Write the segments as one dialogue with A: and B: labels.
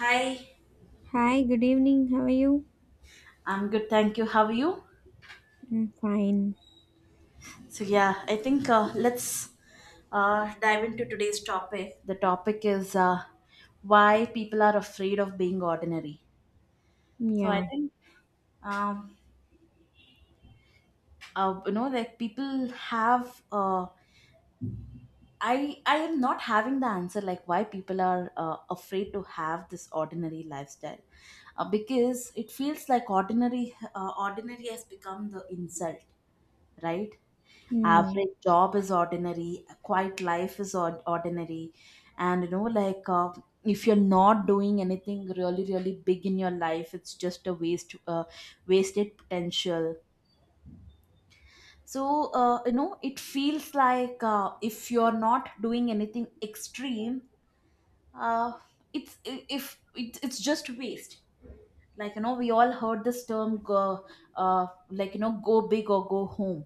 A: Hi,
B: Hi, good evening. How are you?
A: I'm good, thank you. How are you?
B: I'm fine.
A: So, I think let's dive into today's topic. The topic is why people are afraid of being ordinary. So, I
B: Yeah.
A: think, um, people have, I am not having the answer like why people are afraid to have this ordinary lifestyle because it feels like ordinary has become the insult, right?
B: Hmm.
A: Average job is ordinary, a quiet life is ordinary, and if you're not doing anything really really big in your life, it's just a wasted potential. So it feels like if you're not doing anything extreme, uh, it's I- if it, it's just waste. Like you know, we all heard this term go, like you know go big or go home.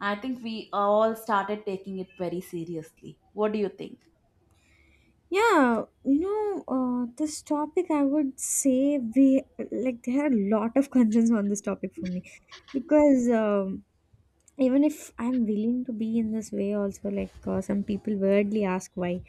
A: I think we all started taking it very seriously. What do you think?
B: Yeah, you know, this topic I would say we, there are a lot of concerns on this topic for me because even if I'm willing to be in this way, also like some people weirdly ask why.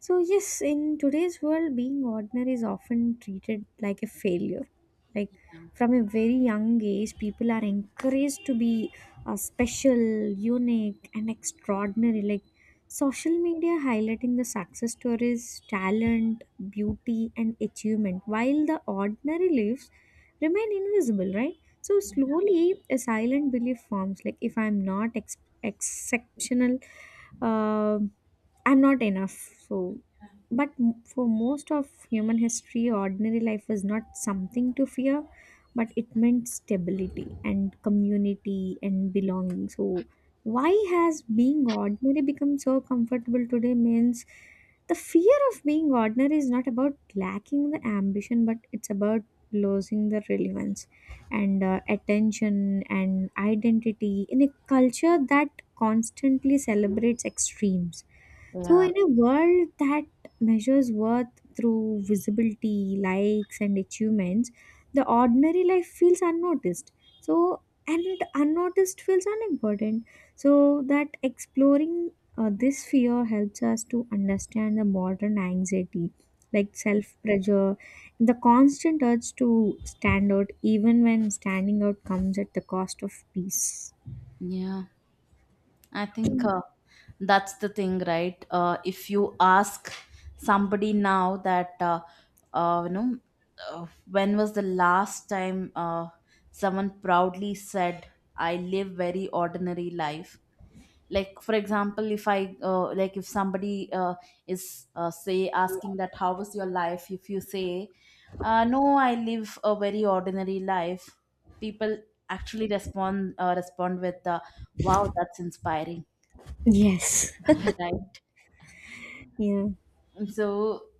B: So, yes, in today's world, being ordinary is often treated like a failure. Like from a very young age, people are encouraged to be special, unique, and extraordinary. Like social media highlighting the success stories, talent, beauty, and achievement, while the ordinary lives remain invisible, right? So, slowly a silent belief forms like if I'm not exceptional, um I'm not enough. So, but for most of human history, ordinary life was not something to fear, but it meant stability and community and belonging. So, why has being ordinary become so comfortable today? Means the fear of being ordinary is not about lacking the ambition, but it's about losing the relevance and attention and identity in a culture that constantly celebrates extremes. So,
A: Yeah.
B: in a world that measures worth through visibility, likes, and achievements, the ordinary life feels unnoticed. So, and unnoticed feels unimportant. So, that exploring this fear helps us to understand the modern anxiety, like self pressure, the constant urge to stand out, even when standing out comes at the cost of peace.
A: Yeah, I think that's the thing, right? If you ask somebody now that, uh, you know, uh, when was the last time someone proudly said, I live very ordinary life. Like for example, if I like if somebody is say asking that how was your life, if you say no, I live a very ordinary life, people actually respond with wow, that's inspiring.
B: Yes.
A: Right,
B: Yeah,
A: so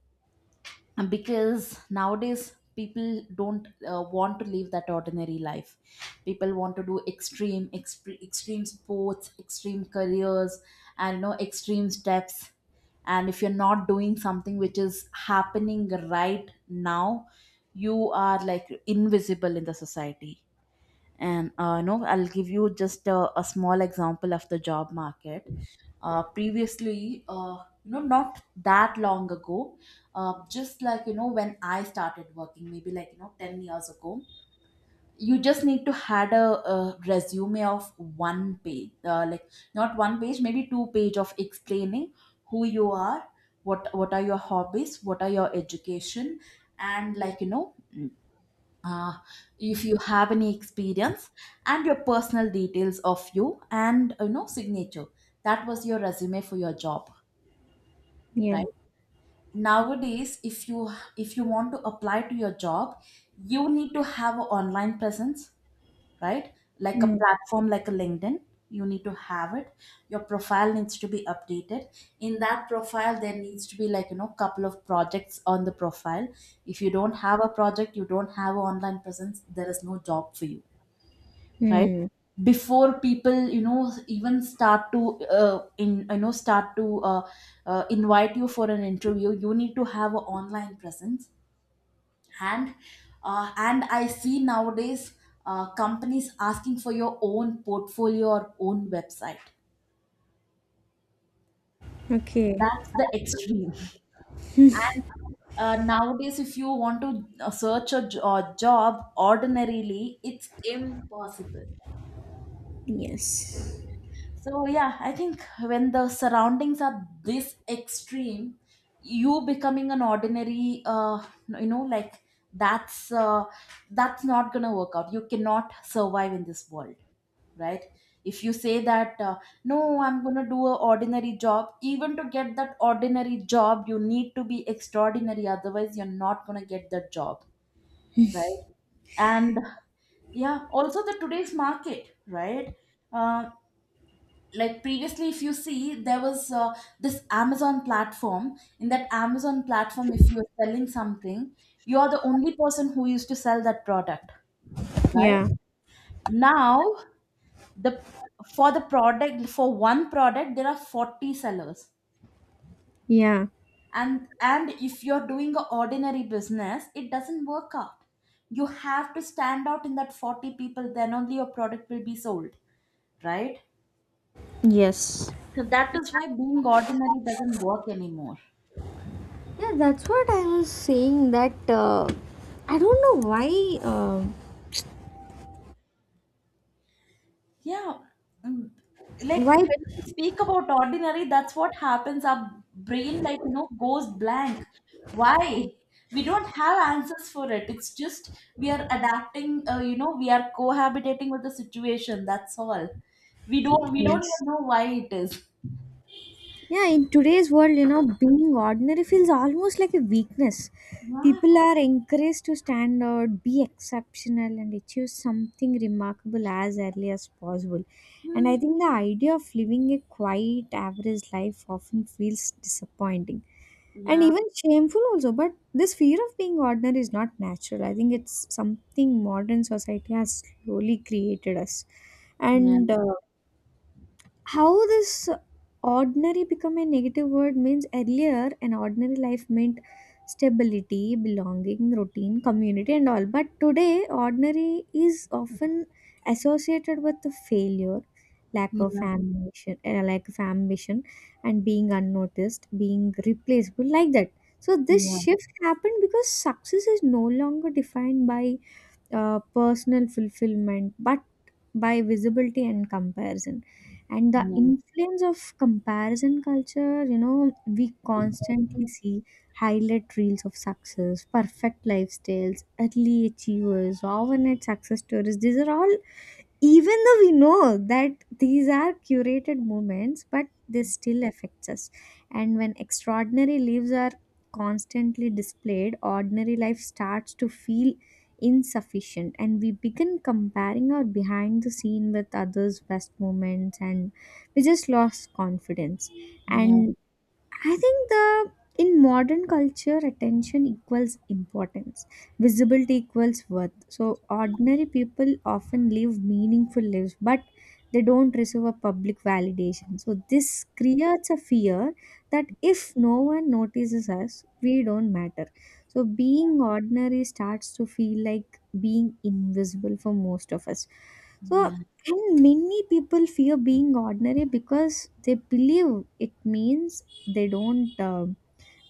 A: because nowadays people don't want to live that ordinary life. People want to do extreme sports, extreme careers, and you know, extreme steps. And if you're not doing something which is happening right now, you are like invisible in the society. And I'll give you just a small example of the job market. Previously You know, not that long ago, just like you know, when I started working maybe like you know 10 years ago, you just need to had a resume of one page like, not one page, maybe two page of explaining who you are, what are your hobbies, what are your education, and uh, if you have any experience, and your personal details of you, and you know, signature. That was your resume for your job.
B: yeah.
A: Right, nowadays if you, if you want to apply to your job, you need to have an online presence, right? Like a
B: Mm.
A: platform like a LinkedIn. You need to have it. Your profile needs to be updated. In that profile there needs to be, like you know, couple of projects on the profile. If you don't have a project, you don't have an online presence, there is no job for you. Right,
B: Mm.
A: before people, you know, even start to uh, invite you for an interview, you need to have an online presence. And and I see nowadays companies asking for your own portfolio or own website.
B: Okay.
A: That's the extreme. And nowadays if you want to job ordinarily, it's impossible.
B: Yes.
A: So yeah, I think when the surroundings are this extreme, you becoming an ordinary, that's uh, that's not gonna work out. You cannot survive in this world, right? If you say that no, I'm gonna do an ordinary job, even to get that ordinary job, you need to be extraordinary. Otherwise, you're not gonna get that job, right? And yeah, also the today's market, right? Uh, like previously if you see, there was this Amazon platform. In that Amazon platform, if you're selling something, you are the only person who used to sell that product. Right,
B: Yeah.
A: now the, for the product, for one product there are 40 sellers.
B: Yeah.
A: And if you're doing an ordinary business, it doesn't work out. You have to stand out in that 40 people, then only your product will be sold, right?
B: Yes.
A: So that is why being ordinary doesn't work anymore.
B: Yeah, that's what I was saying. That I don't know why. Uh,
A: Yeah, mm, like
B: why?
A: when we speak about ordinary, that's what happens. Our brain, like, you know, goes blank. Why? We don't have answers for it. It's just we are adapting, you know, we are cohabitating with the situation. That's all. We don't
B: Yes.
A: even know why it is.
B: Yeah, in today's world, you know, being ordinary feels almost like a weakness.
A: Yeah.
B: People are encouraged to stand out, be exceptional, and achieve something remarkable as early as possible. And I
A: Hmm.
B: think the idea of living a quiet, average life often feels disappointing and
A: Yeah.
B: even shameful, also. But this fear of being ordinary is not natural. I think it's something modern society has slowly created us.
A: Yeah.
B: And how this ordinary become a negative word means earlier an ordinary life meant stability, belonging, routine, community, and all, but today ordinary is often associated with the failure, lack of
A: Yeah.
B: ambition, and being unnoticed, being replaceable, like that. So this
A: Yeah.
B: shift happened because success is no longer defined by personal fulfillment, but by visibility and comparison. And the
A: Yeah.
B: influence of comparison culture, you know, we constantly see highlight reels of success, perfect lifestyles, early achievers, overnight success stories. These are all, even though we know that these are curated moments, but they still affects us. And when extraordinary lives are constantly displayed, ordinary life starts to feel insufficient, and we begin comparing our behind the scene with others best moments, and we just lost confidence.
A: Yeah.
B: And I think the in modern culture, attention equals importance. Visibility equals worth. So ordinary people often live meaningful lives, but they don't receive a public validation. So this creates a fear that if no one notices us, we don't matter. So being ordinary starts to feel like being invisible for most of us. So and many people fear being ordinary because they believe it means they don't uh,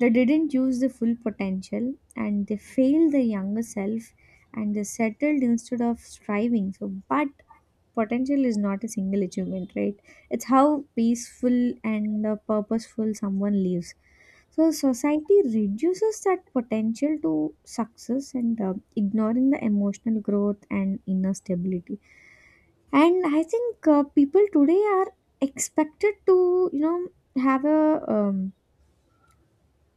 B: they didn't use the full potential and they failed their younger self and they settled instead of striving. So but potential is not a single achievement, right? It's how peaceful and purposeful someone lives. So society reduces that potential to success and ignoring the emotional growth and inner stability. And I think people today are expected to, you know,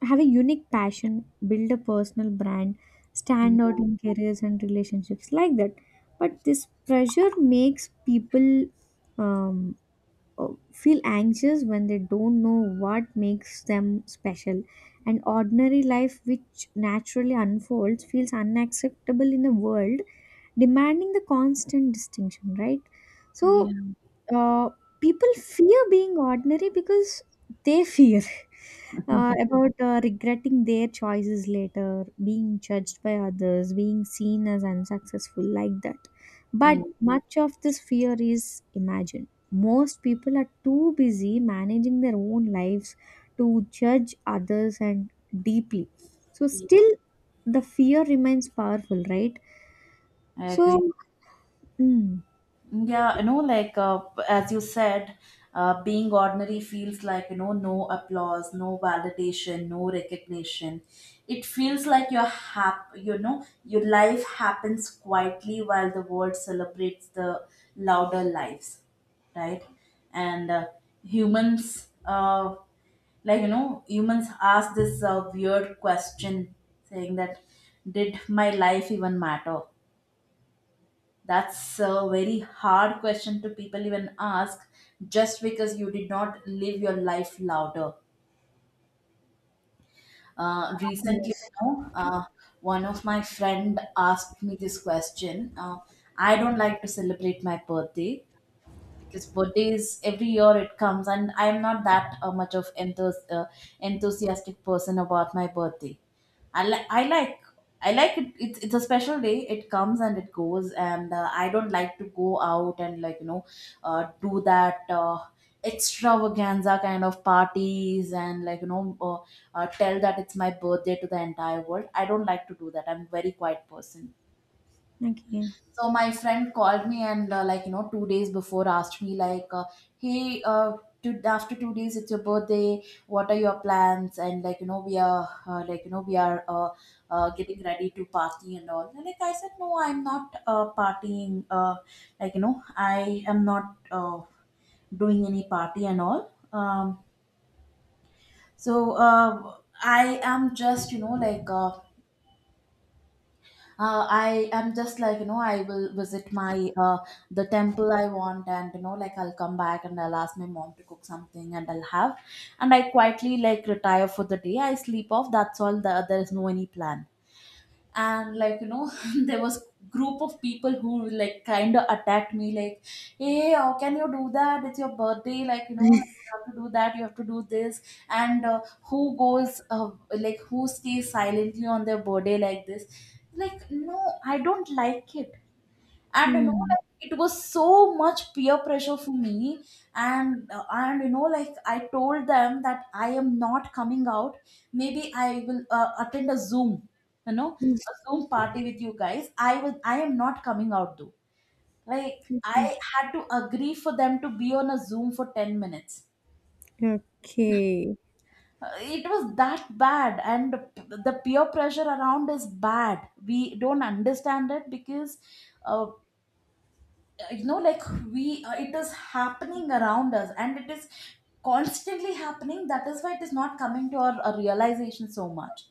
B: have a unique passion, build a personal brand, stand out
A: Yeah.
B: in careers and relationships, like that. But this pressure makes people um, uh, feel anxious when they don't know what makes them special. And ordinary life, which naturally unfolds, feels unacceptable in a world demanding the constant distinction, right? So,
A: Yeah.
B: uh, people fear being ordinary because they fear about regretting their choices later, being judged by others, being seen as unsuccessful, like that. But
A: Yeah.
B: much of this fear is imagined. Most people are too busy managing their own lives to judge others and deeply. So,
A: Yeah.
B: still, the fear remains powerful, right?
A: I agree.
B: So, mm,
A: Yeah, you know, like as you said, being ordinary feels like, you know, no applause, no validation, no recognition. It feels like you know, your life happens quietly while the world celebrates the louder lives, right? And humans, uh, like you know, humans ask this weird question, saying that, did my life even matter? That's a very hard question to people even ask, just because you did not live your life louder. Recently, you
B: yes.
A: know, one of my friend asked me this question. I don't like to celebrate my birthday, because birthdays every year it comes, and I'm not that enthusiastic person about my birthday. I like I like it, it's a special day, it comes and it goes, and I don't like to go out and do that extravaganza kind of parties, and tell that it's my birthday to the entire world. I don't like to do that, I'm a very quiet person.
B: Okay.
A: So my friend called me and like you know, 2 days before asked me like, hey, after 2 days it's your birthday, what are your plans? And like you know, we are getting ready to party and all. And like I said, no, I'm not partying. Like you know, I am not doing any party and all. So uh, I am just, you know, I am just like you know, I will visit my the temple I want, and you know like, I'll come back and I'll ask my mom to cook something and I'll have, and I quietly like retire for the day, I sleep off, that's there is no any plan. And like you know, there was group of people who like kind of attacked me like, hey, how can you do that, it's your birthday, like you know like, you have to do that, you have to do this. And who goes like, who stays silently on their birthday like this? Like no, I don't like it. And you know
B: Hmm.
A: like, it was so much peer pressure for me. And and you know like, I told them that I am not coming out. Maybe I will attend a Zoom, you know, a Zoom party with you guys. I am not coming out though. Like I
B: Mhm.
A: had to agree for them to be on a Zoom for 10 minutes.
B: Okay.
A: It was that bad. And the peer pressure around is bad. We don't understand it because uh, you know like, we it is happening around us, and it is constantly happening, that is why it is not coming to our realization so much.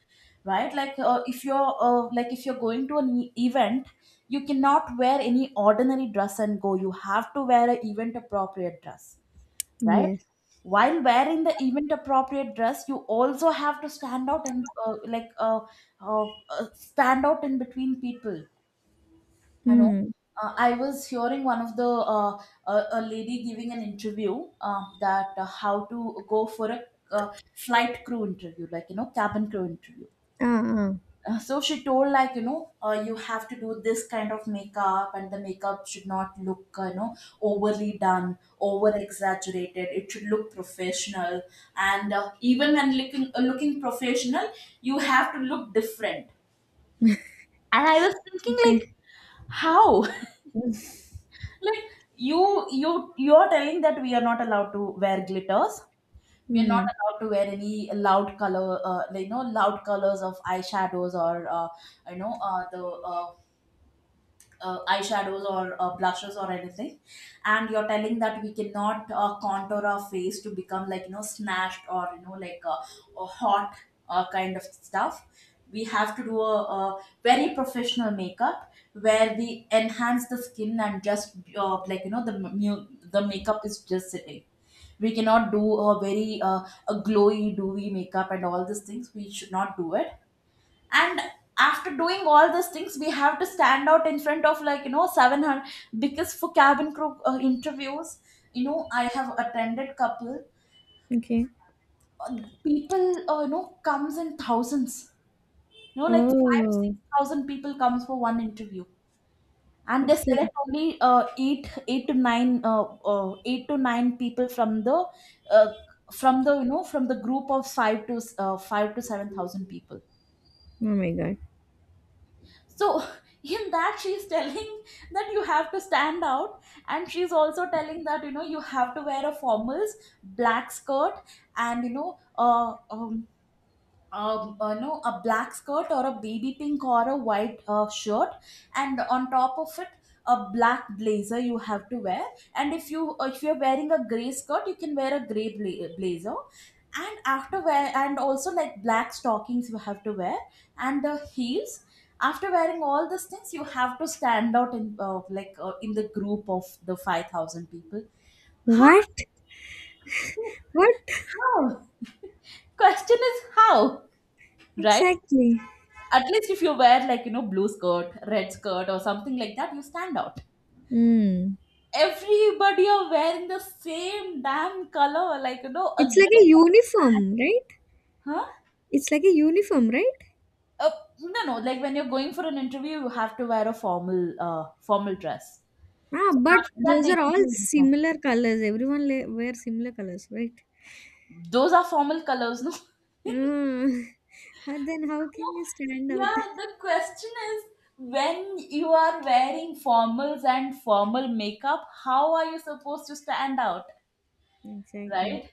A: Right, like if you're like if you're going to an event, you cannot wear any ordinary dress and go, you have to wear an event appropriate dress, right?
B: Yes.
A: While wearing the event appropriate dress, you also have to stand out and stand out in between people. I know.
B: Mm.
A: I was hearing one of the a lady giving an interview that how to go for a flight crew interview, like you know, cabin crew interview.
B: Ah, ah.
A: So she told like you know, you have to do this kind of makeup, and the makeup should not look you know, overly done, over exaggerated, it should look professional. And even when looking looking professional, you have to look different. And I was thinking like,
B: Okay.
A: how, like you you're telling that we are not allowed to wear glitters, we are not
B: Mm.
A: allowed to wear any loud color, like, you know, loud colors of eyeshadows, or you know the eyeshadows, or blushes, or anything. And you're telling that we cannot contour our face to become like you know snatched, or you know like a hot kind of stuff. We have to do a very professional makeup where we enhance the skin, and just the makeup is just sitting, we cannot do a very a glowy dewy makeup, and all these things we should not do it. And after doing all those things, we have to stand out in front of like you know 700, because for cabin crew interviews, you know, I have attended couple.
B: Okay.
A: uh, People you know, comes in thousands, you know like, five six
B: Oh.
A: thousand people comes for one interview. And they
B: Okay.
A: select only eight to nine people uh, from the you know, from the group of 5 to 7 thousand people.
B: Oh my God.
A: So, in that, she's telling that you have to stand out, and she's also telling that you know, you have to wear a formals, black skirt, and you know, no, a black skirt, or a baby pink or a white shirt, and on top of it, a black blazer you have to wear. And if you if you're wearing a gray skirt, you can wear a gray blazer. And after wear, and also like black stockings you have to wear, and the heels. After wearing all these things, you have to stand out in in the group of the 5,000 people. How?
B: What? What?
A: How? Question is how, right?
B: Exactly.
A: At least if you wear like, you know, blue skirt, red skirt or something like that, you stand out.
B: Mm.
A: Everybody are wearing the same damn color, like, you know, a
B: It's like
A: grey
B: a
A: or black.
B: uniform, right?
A: Huh?
B: It's like a uniform, right?
A: Uh, no, no. Like when you're going for an interview, you have to wear a formal, formal dress.
B: Ah,
A: So
B: but
A: after that,
B: those
A: they
B: are
A: give
B: all
A: you uniform.
B: similar colors. Everyone wear similar colors, right?
A: Those are formal colors, no?
B: Mm. How- then how can you stand out?
A: Yeah. The question is, when you are wearing formals and formal makeup, how are you supposed to stand out?
B: Exactly.
A: Right,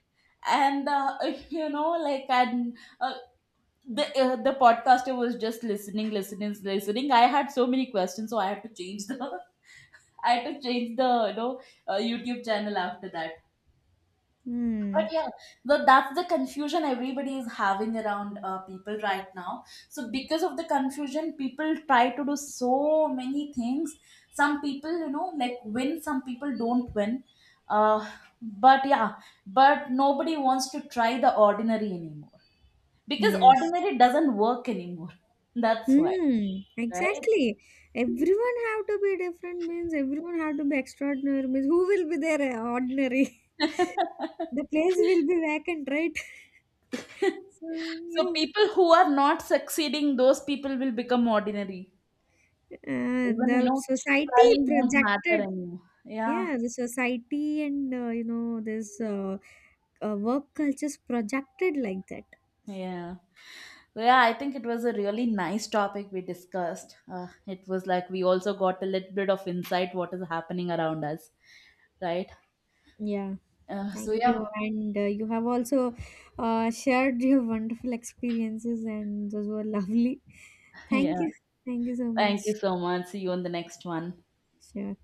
A: and you know like, and the podcaster was just listening. I had so many questions, so I had to change the I had to change the YouTube channel after that. But
B: Hmm.
A: yeah, but that's the confusion everybody is having around people right now. So because of the confusion, people try to do so many things. Some people, you know, like win. Some people don't win. Uh, but yeah, but nobody wants to try the ordinary anymore, because
B: Yes.
A: ordinary doesn't work anymore. That's why,
B: Hmm,
A: right?
B: exactly. Everyone have to be different means everyone have to be extraordinary means who will be there ordinary? The place will be vacant, right? So
A: So
B: yeah,
A: people who are not succeeding, those people will become ordinary. Even you
B: the
A: know,
B: society
A: trying won't matter
B: projected.
A: anymore. Yeah.
B: Yeah, the society and you know this work cultures projected like that.
A: Yeah. Well, yeah, I think it was a really nice topic we discussed. It was like we also got a little bit of insight what is happening around us, right?
B: Yeah,
A: So
B: thank
A: yeah,
B: you, and you have also shared your wonderful experiences, and those were lovely. Thank
A: yeah.
B: you, thank you so
A: Thank
B: much.
A: you so much. See you on the next one.
B: Все